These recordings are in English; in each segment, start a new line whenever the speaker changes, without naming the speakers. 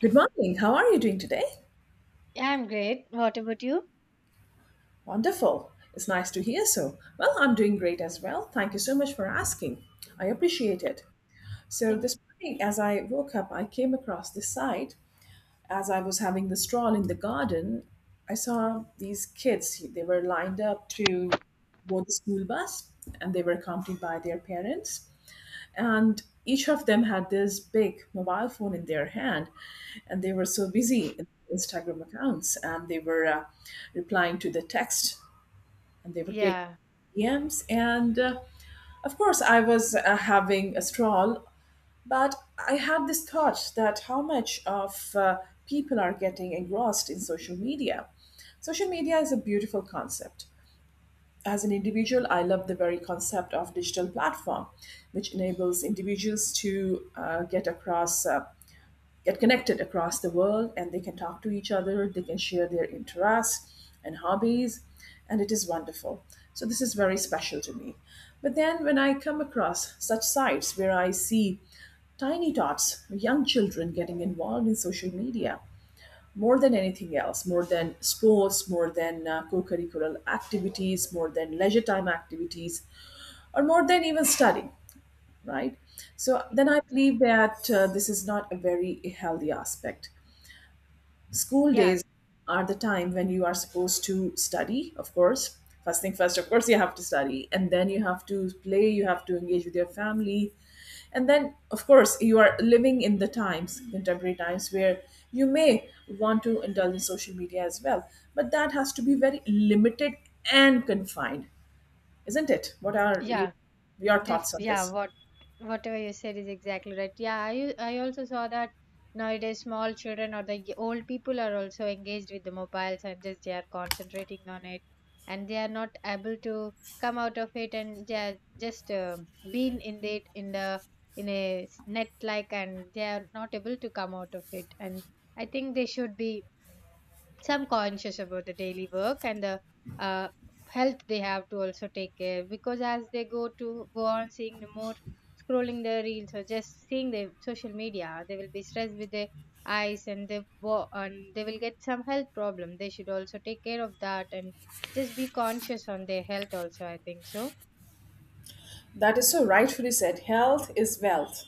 Good morning. How are you doing today?
Yeah, I'm great. What about you?
Wonderful. It's nice to hear so. Well, I'm doing great as well. Thank you so much for asking. I appreciate it. So,
Thank
this morning, as I woke up, I came across this site. As I was having the stroll in the garden, I saw these kids. They were lined up to board the school bus and they were accompanied by their parents. And each of them had this big mobile phone in their hand and they were so busy in Instagram accounts and they were replying to the text and they were getting
Yeah,
DMs and of course I was having a stroll, but I had this thought that how much of people are getting engrossed in social media. Social media is a beautiful concept. As an individual, I love the very concept of digital platform, which enables individuals to get across, get connected across the world, and they can talk to each other. They can share their interests and hobbies, and it is wonderful. So this is very special to me. But then when I come across such sites where I see tiny tots, young children getting involved in social media, more than anything else, more than sports, more than co curricular activities, more than leisure time activities, or more than even studying, right? So then I believe that this is not a very healthy aspect. School
yeah,
days are the time when you are supposed to study, of course. First thing first, of course, you have to study, and then you have to play, you have to engage with your family. And then, of course, you are living in the times, contemporary times, where you may want to indulge in social media as well. But that has to be very limited and confined, isn't it? What are you,
yeah,
your
def
thoughts on
yeah.
this?
Whatever you said is exactly right. Yeah, I also saw that nowadays small children or the old people are also engaged with the mobiles and just they are concentrating on it, and they are not able to come out of it, and they are just being in it in the in a net like, and they are not able to come out of it. And I think they should be some conscious about the daily work and the uh, health they have to also take care because as they go to go on seeing the more scrolling the reels or just seeing the social media they will be stressed with their eyes and and they will get some health problem they should also take care of that and just be conscious on their health also I think so.
That is so rightfully said. Health is wealth.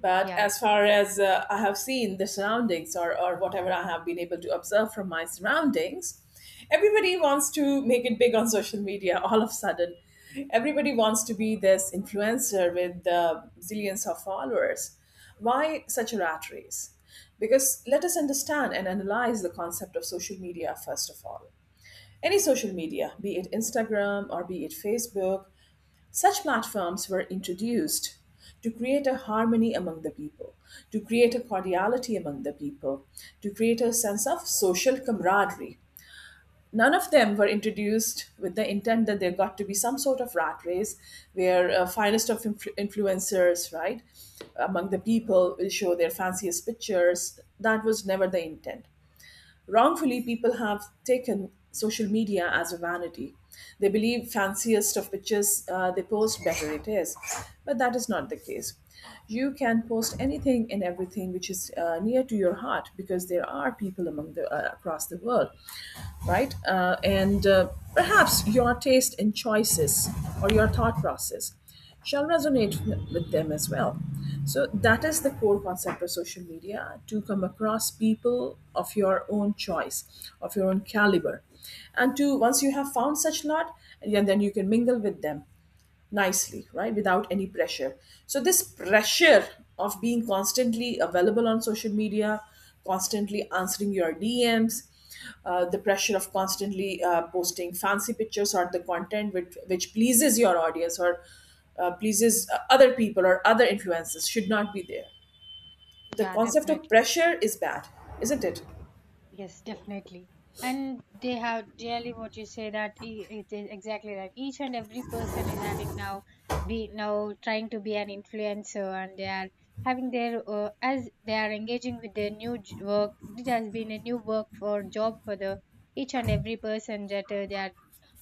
But
Yeah.
as far as I have seen the surroundings or whatever I have been able to observe from my surroundings, everybody wants to make it big on social media all of a sudden. Everybody wants to be this influencer with zillions of followers. Why such a rat race? Because let us understand and analyze the concept of social media first of all. Any social media, be it Instagram or be it Facebook, such platforms were introduced to create a harmony among the people, to create a cordiality among the people, to create a sense of social camaraderie. None of them were introduced with the intent that there got to be some sort of rat race where influencers, right, among the people will show their fanciest pictures. That was never the intent. Wrongfully, people have taken social media as a vanity. They believe fanciest of pictures they post, better it is. But that is not the case. You can post anything and everything which is near to your heart because there are people among the across the world, right? And perhaps your taste in choices or your thought process shall resonate with them as well. So that is the core concept of social media, to come across people of your own choice, of your own caliber. And to once you have found such lot, and then you can mingle with them nicely, right? Without any pressure. So, this pressure of being constantly available on social media, constantly answering your DMs, the pressure of constantly posting fancy pictures or the content which pleases your audience or pleases other people or other influences should not be there. The
Yeah,
concept of
definitely.
pressure is bad, isn't it?
Yes, definitely. And they have really what you say that it is exactly that. Each and every person is having now be now trying to be an influencer, and they are having their as they are engaging with their new work. It has been a new work for job for the each and every person that they are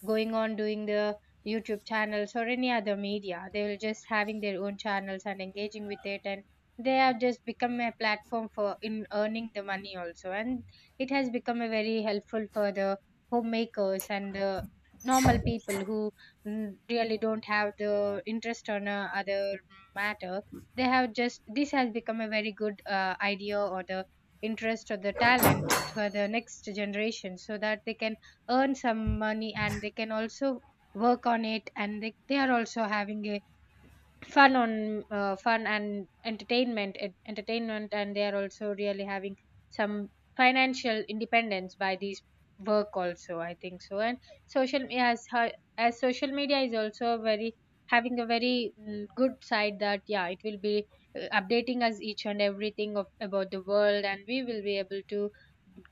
going on doing the YouTube channels or any other media. They will just having their own channels and engaging with it, and they have just become a platform for in earning the money also, and it has become a very helpful for the homemakers and the normal people who really don't have the interest on other matter. They have just this has become a very good idea or the interest or the talent for the next generation so that they can earn some money and they can also work on it and they are also having a fun on fun and entertainment and they are also really having some financial independence by these work also I think so. And social me- as ho- as social media is also very having a very good side that yeah it will be updating us each and everything of about the world and we will be able to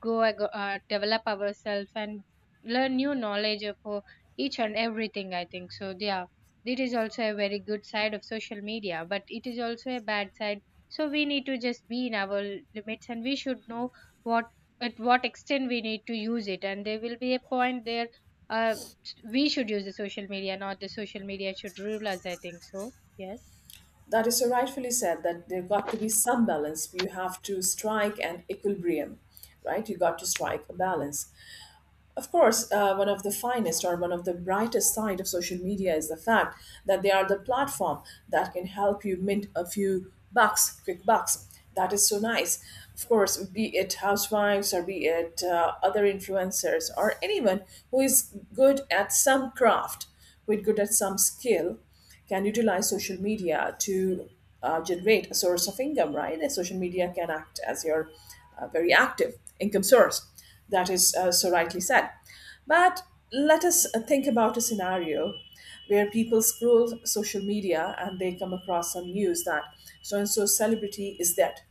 develop ourselves and learn new knowledge of each and everything I think so. Yeah, it is also a very good side of social media, but it is also a bad side. So we need to just be in our limits and we should know what at what extent we need to use it. And there will be a point there uh, we should use the social media, not the social media should rule us, I think so. Yes.
That is so rightfully said that there got to be some balance. You have to strike an equilibrium, right? You got to strike a balance. Of course, one of the finest or one of the brightest side of social media is the fact that they are the platform that can help you mint a few bucks, quick bucks. That is so nice. Of course, be it housewives or be it other influencers or anyone who is good at some craft, who is good at some skill, can utilize social media to generate a source of income, right? And social media can act as your very active income source. That is so rightly said. But let us think about a scenario where people scroll social media and they come across some news that so and so celebrity is dead.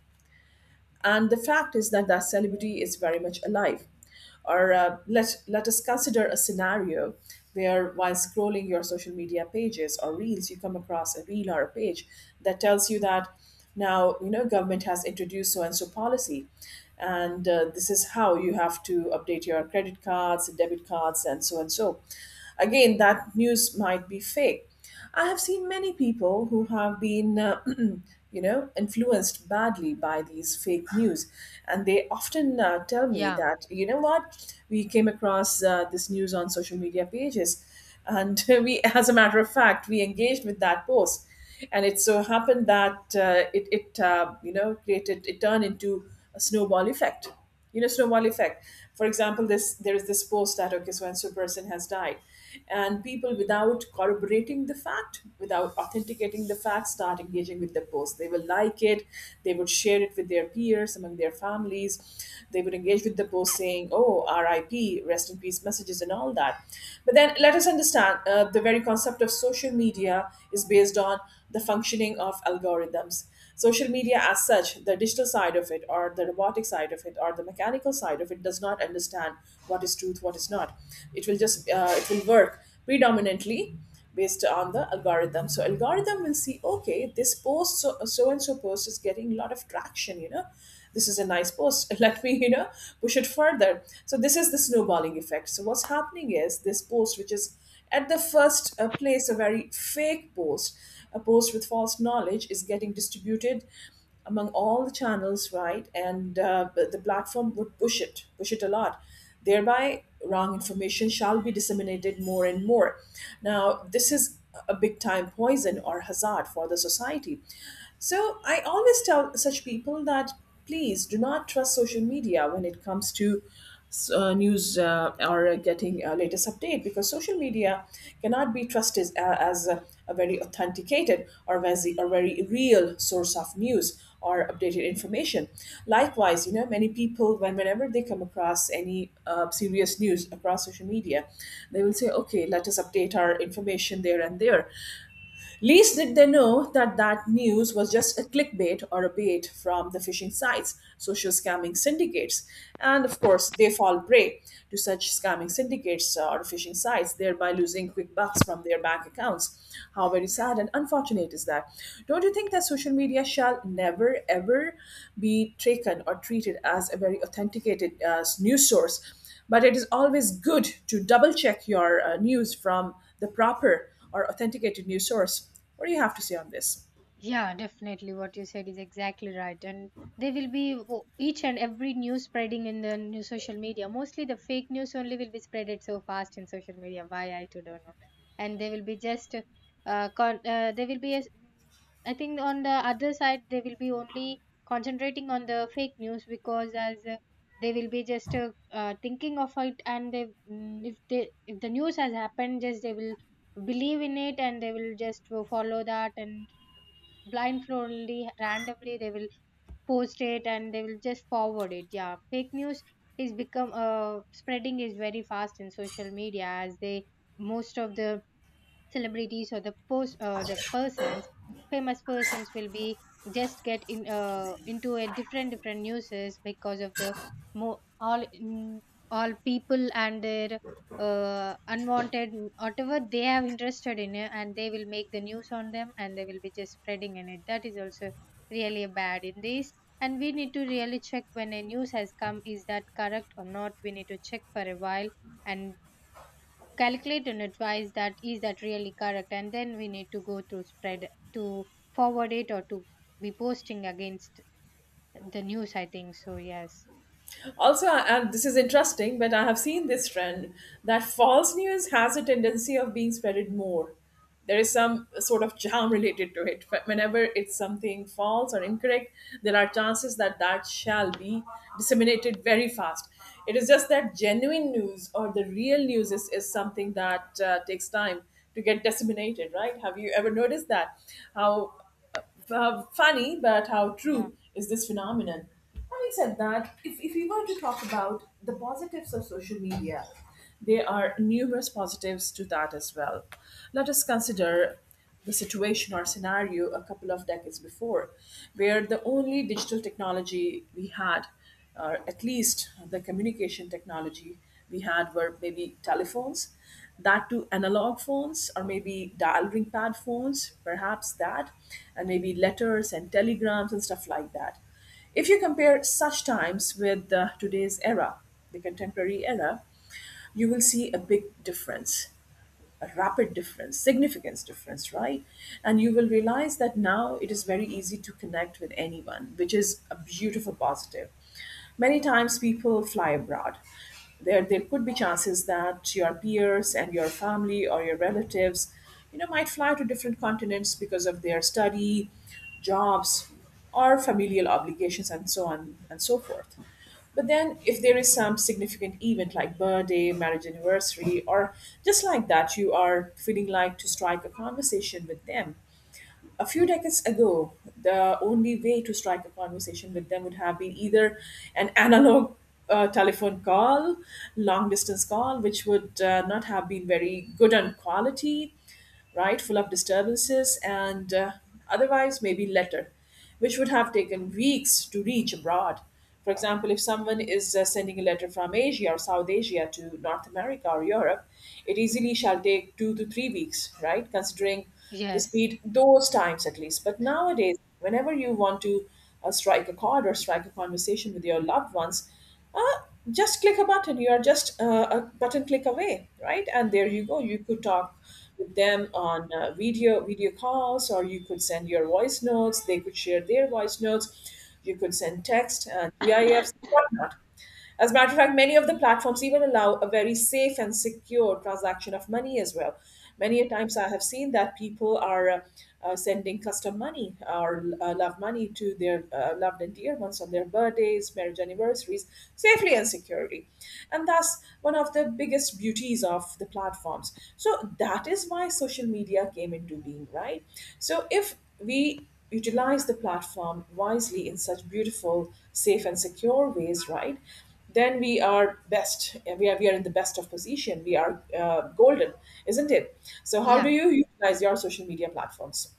And the fact is that that celebrity is very much alive, or let us consider a scenario where, while scrolling your social media pages or reels, you come across a reel or a page that tells you that, now you know, government has introduced so and so policy, and this is how you have to update your credit cards, debit cards, and so and so. Again, that news might be fake. I have seen many people who have been, you know, influenced badly by these fake news, and they often tell me
Yeah.
that, you know what, we came across this news on social media pages, and we, as a matter of fact, we engaged with that post, and it so happened that it you know, created, it turned into a snowball effect, you know, snowball effect. For example, this there is this post that okay so and so person has died, and people without corroborating the fact, without authenticating the fact, start engaging with the post. They will like it, they would share it with their peers among their families, they would engage with the post saying, oh, RIP, rest in peace messages and all that. But then let us understand the very concept of social media is based on the functioning of algorithms. Social media, as such, the digital side of it, or the robotic side of it, or the mechanical side of it, does not understand what is truth, what is not. It will just it will work predominantly based on the algorithm. So algorithm will see, okay, this post, so and so post is getting a lot of traction, you know. This is a nice post. Let me, you know, push it further. So this is the snowballing effect. So what's happening is this post, which is at the first place, a very fake post, a post with false knowledge, is getting distributed among all the channels, right? And the platform would push it a lot. Thereby, wrong information shall be disseminated more and more. Now, this is a big time poison or hazard for the society. So, I always tell such people that please do not trust social media when it comes to news, or getting a latest update, because social media cannot be trusted as a very authenticated or as a very real source of news or updated information. Likewise, you know, many people, whenever they come across any serious news across social media, they will say, okay, let us update our information there and there. Least did they know that that news was just a clickbait or a bait from the phishing sites, social scamming syndicates. And of course, they fall prey to such scamming syndicates or phishing sites, thereby losing quick bucks from their bank accounts. How very sad and unfortunate is that? Don't you think that social media shall never ever be taken or treated as a very authenticated news source? But it is always good to double check your news from the proper or authenticated news source. What do you have to say on this?
Yeah, definitely. What you said is exactly right. And they will be o- each and every news spreading in the new social media. Mostly the fake news only will be spreaded so fast in social media. Why I too don't know. And they will be just, they will be, I think on the other side they will be only concentrating on the fake news because as they will be just thinking of it and they if they if the news has happened just they will believe in it and they will just follow that and blindfoldly randomly they will post it and they will just forward it. Yeah, fake news is become spreading is very fast in social media as they most of the celebrities or the persons famous persons will be just get in into a different different newses because of the mo- all mm, all people and their unwanted whatever they have interested in it, and they will make the news on them and they will be just spreading in it. That is also really bad in this. And we need to really check when a news has come is that correct or not we need to check for a while and calculate an advice that is that really correct and then we need to go through spread to forward it or to be posting against the news I think so. Yes.
Also, and this is interesting, but I have seen this trend that false news has a tendency of being spreaded more. There is some sort of charm related to it. But whenever it's something false or incorrect, there are chances that that shall be disseminated very fast. It is just that genuine news or the real news is something that takes time to get disseminated, right? Have you ever noticed that? How Funny, but how
Yeah.
true is this phenomenon? Having said that, if we were to talk about the positives of social media, there are numerous positives to that as well. Let us consider the situation or scenario a couple of decades before, where the only digital technology we had, or at least the communication technology we had, were maybe telephones, that to analog phones, or maybe dial ring pad phones, perhaps that, and maybe letters and telegrams and stuff like that. If you compare such times with today's era, the contemporary era, you will see a big difference, a rapid difference, significance difference, right? And you will realize that now it is very easy to connect with anyone, which is a beautiful positive. Many times people fly abroad. There could be chances that your peers and your family or your relatives, you know, might fly to different continents because of their study, jobs, or familial obligations, and so on and so forth. But then, if there is some significant event like birthday, marriage anniversary, or just like that, you are feeling like to strike a conversation with them. A few decades ago, the only way to strike a conversation with them would have been either an analog telephone call, long distance call, which would not have been very good on quality, right? Full of disturbances and otherwise maybe letter, which would have taken weeks to reach abroad. For example, if someone is sending a letter from Asia or South Asia to North America or Europe, it easily shall take 2 to 3 weeks, right? Considering the
Yes.
speed those times at least. But nowadays, whenever you want to strike a chord or strike a conversation with your loved ones, uh, just click a button. You are just a button click away, right? And there you go. You could talk with them on uh, video calls, or you could send your voice notes. They could share their voice notes. You could send text and GIFs, whatnot. As a matter of fact, many of the platforms even allow a very safe and secure transaction of money as well. Many a times I have seen that people are sending custom money or love money to their loved and dear ones on their birthdays, marriage anniversaries, safely and securely. And that's one of the biggest beauties of the platforms. So that is why social media came into being, right? So if we utilize the platform wisely in such beautiful, safe, and secure ways, right? then we are best. We are in the best of position. We are golden, isn't it? So, how do
Yeah,
you utilize your social media platforms?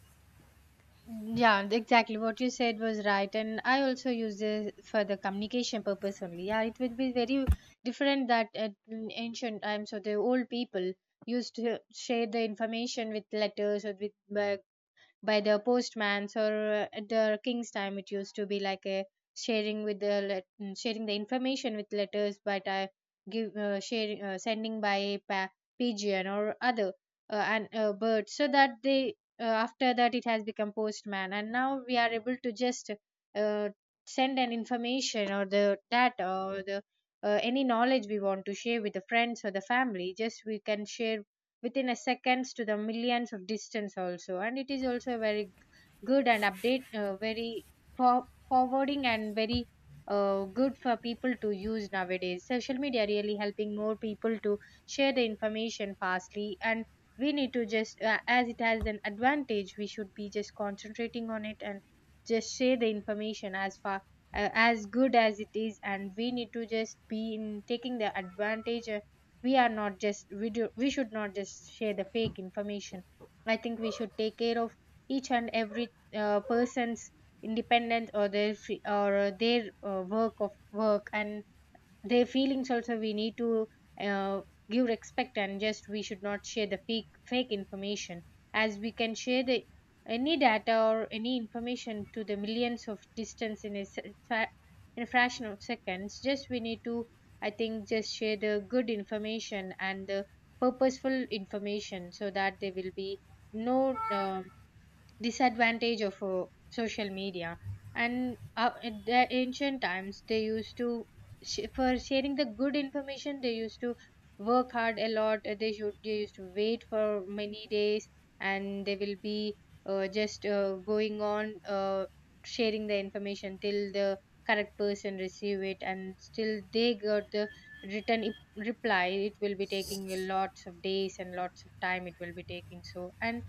yeah, exactly what you said was right and I also use this for the communication purpose only. Yeah, it would be very different that at in ancient times or the old people used to share the information with letters or with by the postman's or at the king's time it used to be like a sharing with the sharing the information with letters but I give sharing sending by a pigeon or other and bird so that they after that it has become postman and now we are able to just uh, send an information or the data or the any knowledge we want to share with the friends or the family just we can share within a seconds to the millions of distance also and it is also good and update very for forwarding and very good for people to use nowadays. Social media really helping more people to share the information fastly and we need to just as it has an advantage we should be just concentrating on it and just share the information as far as good as it is and we need to just be in taking the advantage. We are not just we do we should not just share the fake information. I think we should take care of each and every person's independence or their free, or their work of work and their feelings also we need to uh, give respect and just we should not share the fake information as we can share the any data or any information to the millions of distance in in a fraction of seconds just we need to I think just share the good information and the purposeful information so that there will be no disadvantage of social media. And in the ancient times they used to for sharing the good information they used to work hard a lot, they used to wait for many days and they will be just going on sharing the information till the correct person receive it and still they got the written reply it will be taking a lots of days and lots of time it will be taking so. And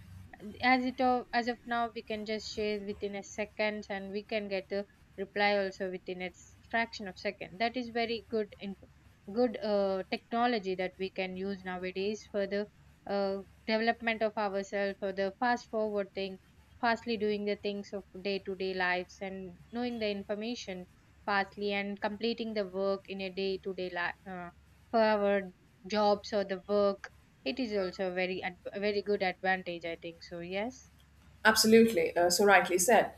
as it of as of now we can just share within a seconds and we can get the reply also within a fraction of second. That is very good in good technology that we can use nowadays for the uh, development of ourselves for the fast forward thing fastly doing the things of day to day lives and knowing the information fastly and completing the work in a day to day life for our jobs or the work. It is also a a very good advantage, I think so. Yes.
Absolutely, so rightly said.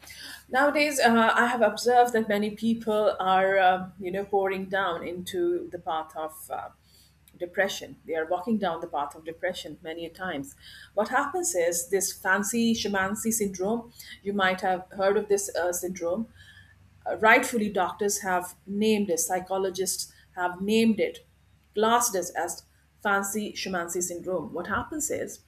Nowadays, I have observed that many people are, you know, pouring down into the path of depression. They are walking down the path of depression many a times. What happens is this fancy shamancy syndrome. You might have heard of this syndrome, rightfully doctors have named it, psychologists have named it, classed it as fancy Shimansi syndrome. What happens is,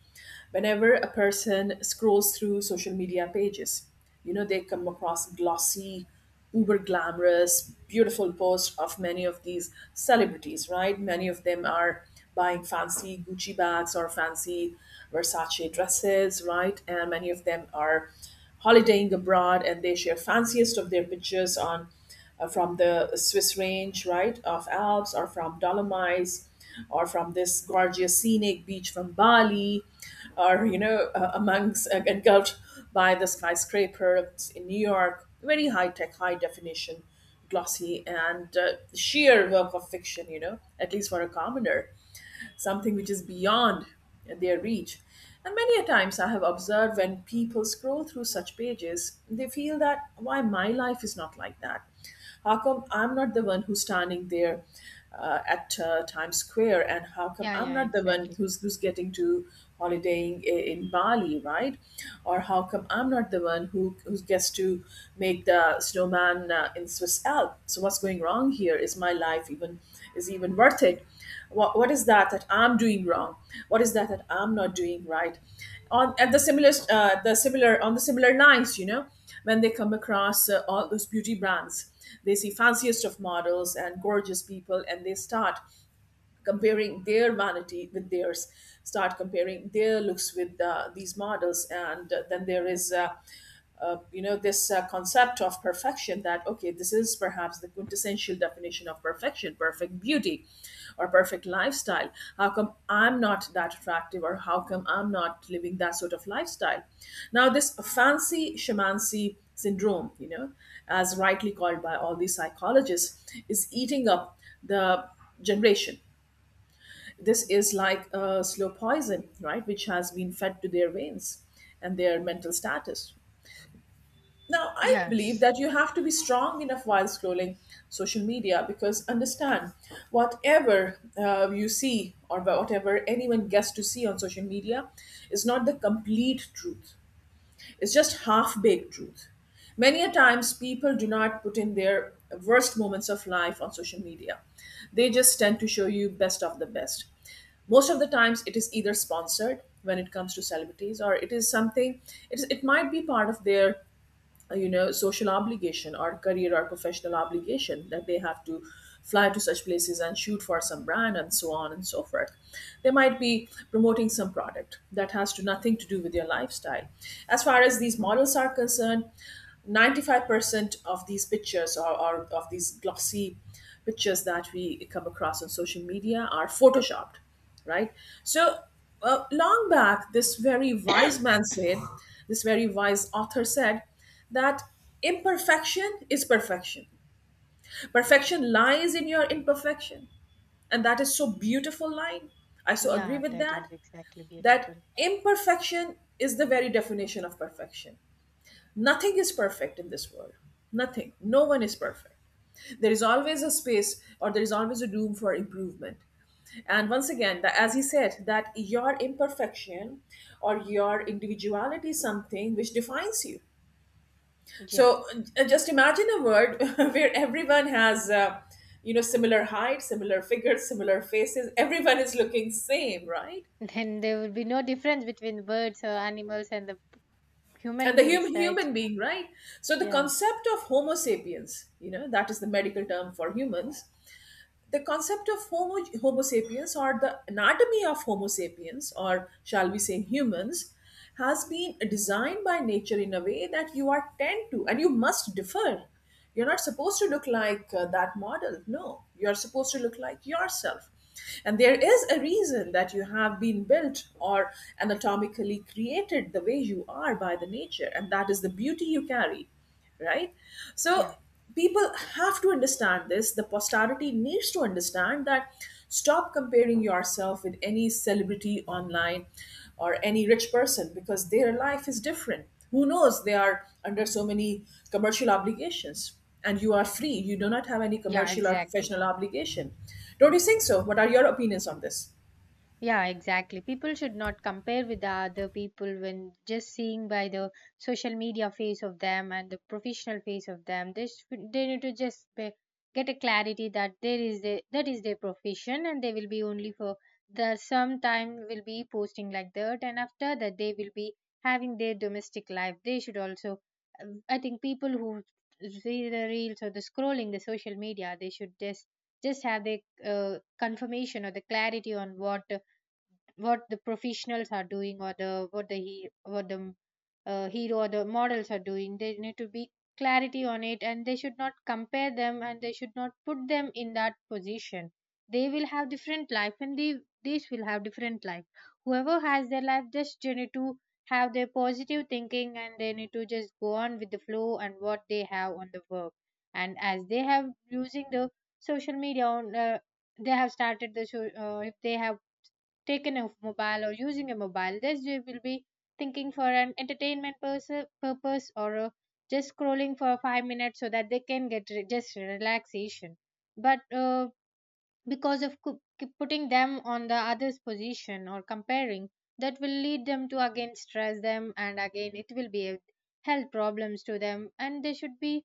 whenever a person scrolls through social media pages, you know, they come across glossy, uber glamorous, beautiful posts of many of these celebrities, right? Many of them are buying fancy Gucci bags or fancy Versace dresses, right? And many of them are holidaying abroad and they share fanciest of their pictures on from the Swiss range, right, of Alps or from Dolomites or from this gorgeous scenic beach from Bali or, you know, amongst engulfed by the skyscrapers in New York. Very high tech, high definition, glossy, and sheer work of fiction, you know, at least for a commoner something which is beyond their reach. And many a times I have observed when people scroll through such pages, they feel that why my life is not like that. How come I'm not the one who's standing there at Times Square, and how come
Yeah,
I'm
yeah,
not the one
exactly.
who's getting to holidaying in Bali, right? Or how come I'm not the one who gets to make the snowman in Swiss Alps? So what's going wrong here? Is my life even worth it? What is that that I'm doing wrong? What is that that I'm not doing right? on At the similar on the similar lines, you know, when they come across all those beauty brands, they see fanciest of models and gorgeous people and they start comparing their vanity with theirs, start comparing their looks with these models, and then there is. You know, this concept of perfection, that okay, this is perhaps the quintessential definition of perfection, perfect beauty or perfect lifestyle. How come I'm not that attractive, or how come I'm not living that sort of lifestyle? Now this fancy shamancy syndrome, you know, as rightly called by all these psychologists, is eating up the generation. This is like a slow poison, right, which has been fed to their veins and their mental status. Now, I believe
Yes.
that you have to be strong enough while scrolling social media, because understand, whatever you see, or whatever anyone gets to see on social media is not the complete truth. It's just half baked truth. Many a times, people do not put in their worst moments of life on social media. They just tend to show you best of the best. Most of the times, it is either sponsored when it comes to celebrities, or it is something. It might be part of their you know, social obligation or career or professional obligation, that they have to fly to such places and shoot for some brand and so on and so forth. They might be promoting some product that has to nothing to do with your lifestyle. As far as these models are concerned, 95% of these pictures, or of these glossy pictures that we come across on social media are photoshopped, right? So long back this very wise man said, this very wise author said that imperfection is perfection. Perfection lies in your imperfection. And that is so beautiful line. I so agree
Yeah,
with
that
that.
is exactly
That
beautiful.
imperfection is the very definition of perfection. Nothing is perfect in this world. Nothing. No one is perfect. There is always a space, or there is always a room for improvement. And once again, that, as he said, that your imperfection or your individuality is something which defines you.
Yeah.
So just imagine a world where everyone has, you know, similar height, similar figures, similar faces. Everyone is looking same, right?
Then there would be no difference between birds or animals and the
And
human
the
beings,
human
right?
human being, right? So the
Yeah.
concept of Homo sapiens, you know, that is the medical term for humans, the concept of homo sapiens, or the anatomy of homo sapiens, or shall we say humans, has been designed by nature in a way that you are tend to and you must differ. You're not supposed to look like that model. No, you're supposed to look like yourself, and there is a reason that you have been built or anatomically created the way you are by the nature, and that is the beauty you carry, right?
Yeah.
So people have to understand this. The posterity needs to understand that stop comparing yourself with any celebrity online or any rich person, because their life is different. Who knows, they are under so many commercial obligations, and you are free. You do not have any
Yeah,
commercial or
exactly.
professional obligation. Don't you think so? What are your opinions on this?
Yeah, exactly. People should not compare with the other people when just seeing by the social media face of them and the professional face of them. They need to just be, get a clarity that that is their profession and they will be only for the some time will be posting like that and after that they will be having their domestic life. They should also, I think, people who see the reels or the scrolling the social media, they should just have the confirmation or the clarity on what the professionals are doing or the what the hero or the models are doing. There need to be clarity on it, and they should not compare them, and they should not put them in that position. They will have different life, and they these will have different life. Whoever has their life, just they need to have their positive thinking, and they need to just go on with the flow and what they have on the work. And as they have using the social media on they have started the show. If they have taken a mobile or using a mobile, this they will be thinking for an entertainment pers purpose, or just scrolling for 5 minutes, so that they can get just relaxation. But because of keep putting them on the other's position or comparing, that will lead them to again stress them, and again it will be a health problems to them. And they should be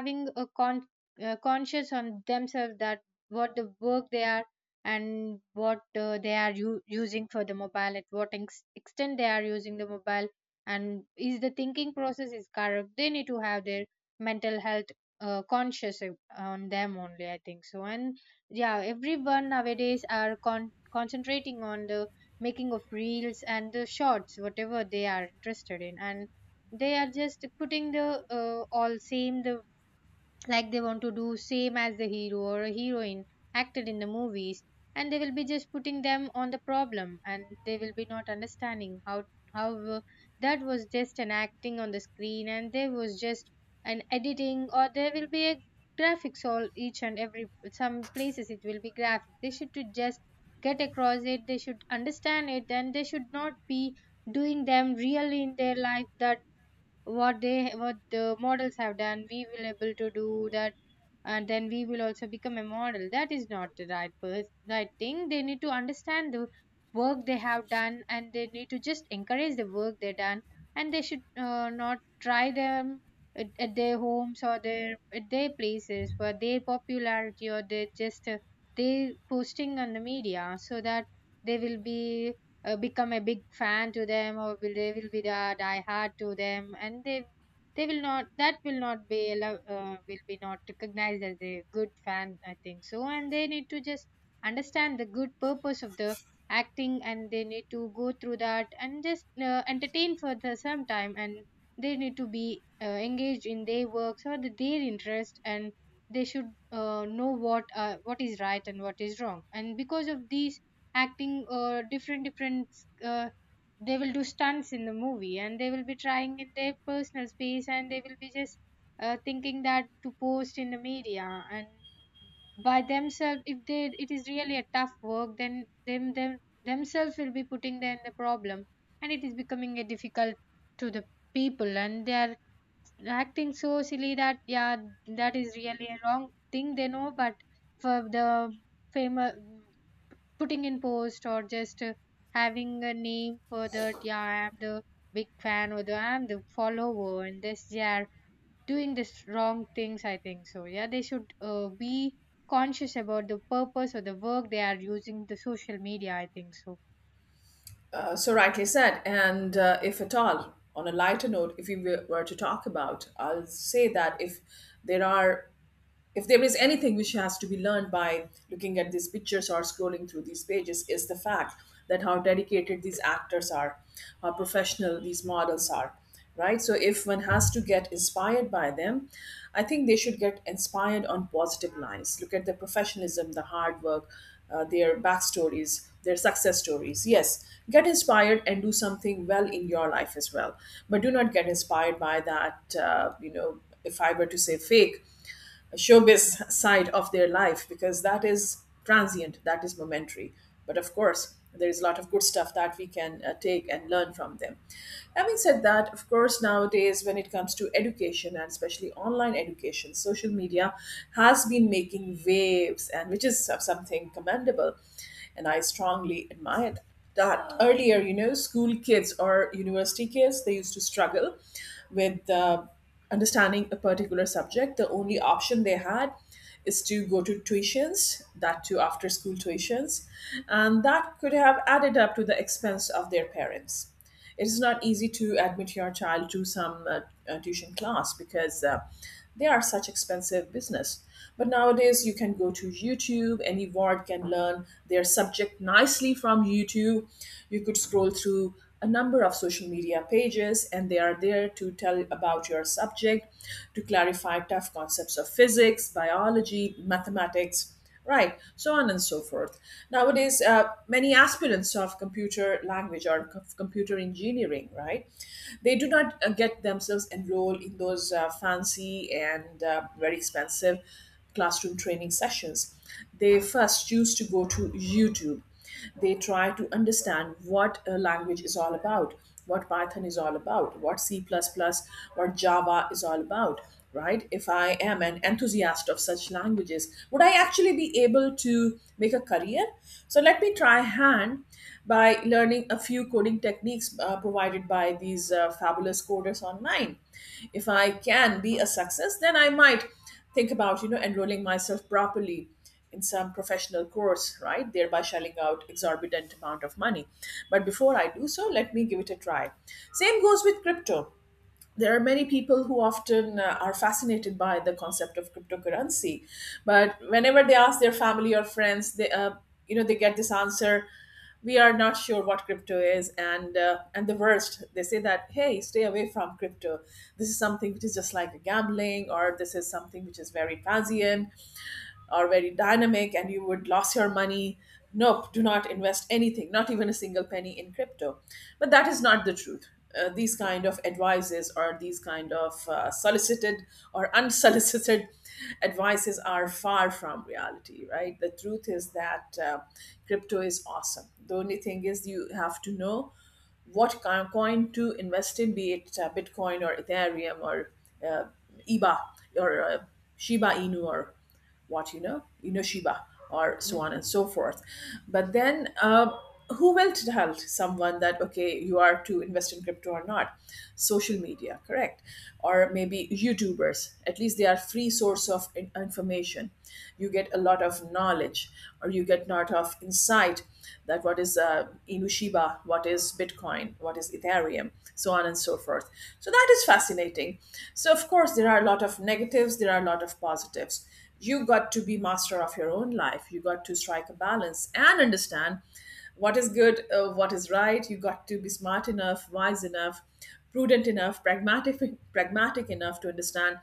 having a conscious on themselves, that what the work they are, and what they are using for the mobile, at what extent they are using the mobile, and is the thinking process is correct. They need to have their mental health conscious on them only, I think so. And yeah, everyone nowadays are concentrating on the making of reels and the shorts, whatever they are interested in, and they are just putting the all same the, like, they want to do same as the hero or a heroine acted in the movies. And they will be just putting them on the problem, and they will be not understanding how how uh, that was just an acting on the screen, and there was just an editing, or there will be a graphics all each and every. Some places it will be graphic. They should to just get across it, they should understand it, and they should not be doing them really in their life, that what they, what the models have done, we will able to do that, and then we will also become a model. That is not the right right thing. They need to understand the work they have done, and they need to just encourage the work they done. And they should not try them at their homes or their at their places for their popularity, or they just they posting on the media, so that they will be become a big fan to them, they will be the die hard to them, and they will not, that will not be will be not recognized as a good fan, I think so. And they need to just understand the good purpose of the acting, and they need to go through that and just entertain for the some time. And they need to be engaged in their works or their interest. And they should know what is right and what is wrong. And because of these acting different different uh, they will do stunts in the movie, and they will be trying in their personal space, and they will be just thinking that to post in the media. And by themselves, if they, it is really a tough work, then them themselves will be putting them in the problem, and it is becoming a difficult to the people. And they are acting so silly that, yeah, that is really a wrong thing they know. But for the famous putting in post, or just having a name for that, yeah, I'm the big fan, or the I'm the follower, and this they are doing this wrong things, I think so. Yeah, they should be conscious about the purpose or the work they are using the social media, I think so.
So rightly said. And if at all, on a lighter note, if we were to talk about, I'll say that if there are if there is anything which has to be learned by looking at these pictures or scrolling through these pages is the fact that how dedicated these actors are, how professional these models are, right? So if one has to get inspired by them, I think they should get inspired on positive lines. Look at the professionalism, the hard work, their backstories, their success stories. Yes, get inspired and do something well in your life as well. But do not get inspired by that you know, if I were to say fake showbiz side of their life, because that is transient, that is momentary. But of course, there is a lot of good stuff that we can take and learn from them. Having said that, of course, nowadays, when it comes to education and especially online education, social media has been making waves, and which is something commendable. And I strongly admire that earlier school kids or university kids they used to struggle with understanding a particular subject. The only option they had is to go to tuitions, that too after school tuitions, and that could have added up to the expense of their parents. It is not easy to admit your child to some tuition class because they are such expensive business. But nowadays you can go to YouTube, any ward can learn their subject nicely from YouTube. You could scroll through a number of social media pages and they are there to tell about your subject, to clarify tough concepts of physics, biology, mathematics, right, so on and so forth. Nowadays many aspirants of computer language or computer engineering, right, they do not get themselves enrolled in those fancy and very expensive classroom training sessions. They first choose to go to YouTube. They try to understand what a language is all about, what Python is all about, what C++, what Java is all about, right? If I am an enthusiast of such languages, would I actually be able to make a career? So let me try hand by learning a few coding techniques provided by these fabulous coders online. If I can be a success, then I might think about enrolling myself properly in some professional course, right? Thereby shelling out exorbitant amount of money. But before I do so, let me give it a try. Same goes with crypto. There are many people who often are fascinated by the concept of cryptocurrency, but whenever they ask their family or friends, they they get this answer, we are not sure what crypto is, and the worst, they say that hey, stay away from crypto, this is something which is just like gambling, or this is something which is very transient or very dynamic and you would lose your money. Nope, do not invest anything, not even a single penny in crypto. But that is not the truth. These kind of advices or these kind of solicited or unsolicited advices are far from reality, right? The truth is that crypto is awesome. The only thing is you have to know what kind of coin to invest in, be it Bitcoin or Ethereum or uh, EBA or Shiba Inu or what, Inoshiba, or so on and so forth. But then, who will tell someone that okay, you are to invest in crypto or not? Social media, correct, or maybe YouTubers. At least they are free source of information. You get a lot of knowledge, or you get lot of insight, that what is Inushiba, what is Bitcoin, what is Ethereum, so on and so forth. So that is fascinating. So of course there are a lot of negatives, there are a lot of positives. You got to be master of your own life, you got to strike a balance and understand what is good, what is right. You got to be smart enough, wise enough, prudent enough, pragmatic pragmatic enough to understand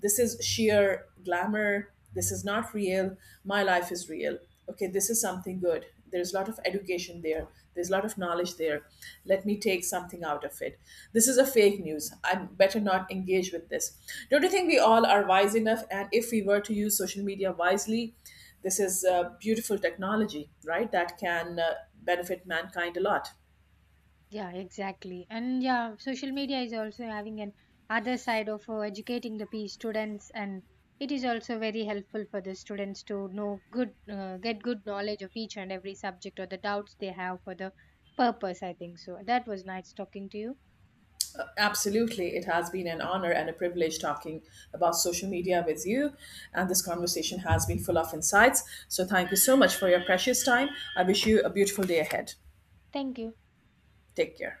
this is sheer glamour, this is not real, my life is real. Okay, this is something good, there's a lot of education there, there's a lot of knowledge there, let me take something out of it. This is a fake news, I better not engage with this. Don't you think we all are wise enough? And if we were to use social media wisely, this is beautiful technology, right, that can benefit mankind a lot.
Yeah, exactly. And yeah, social media is also having an other side of educating the P students, and it is also very helpful for the students to know good, get good knowledge of each and every subject or the doubts they have for the purpose. I think so. That was nice talking to you.
Absolutely. It has been an honor and a privilege talking about social media with you. And this conversation has been full of insights. So thank you so much for your precious time. I wish you a beautiful day ahead.
Thank you.
Take care.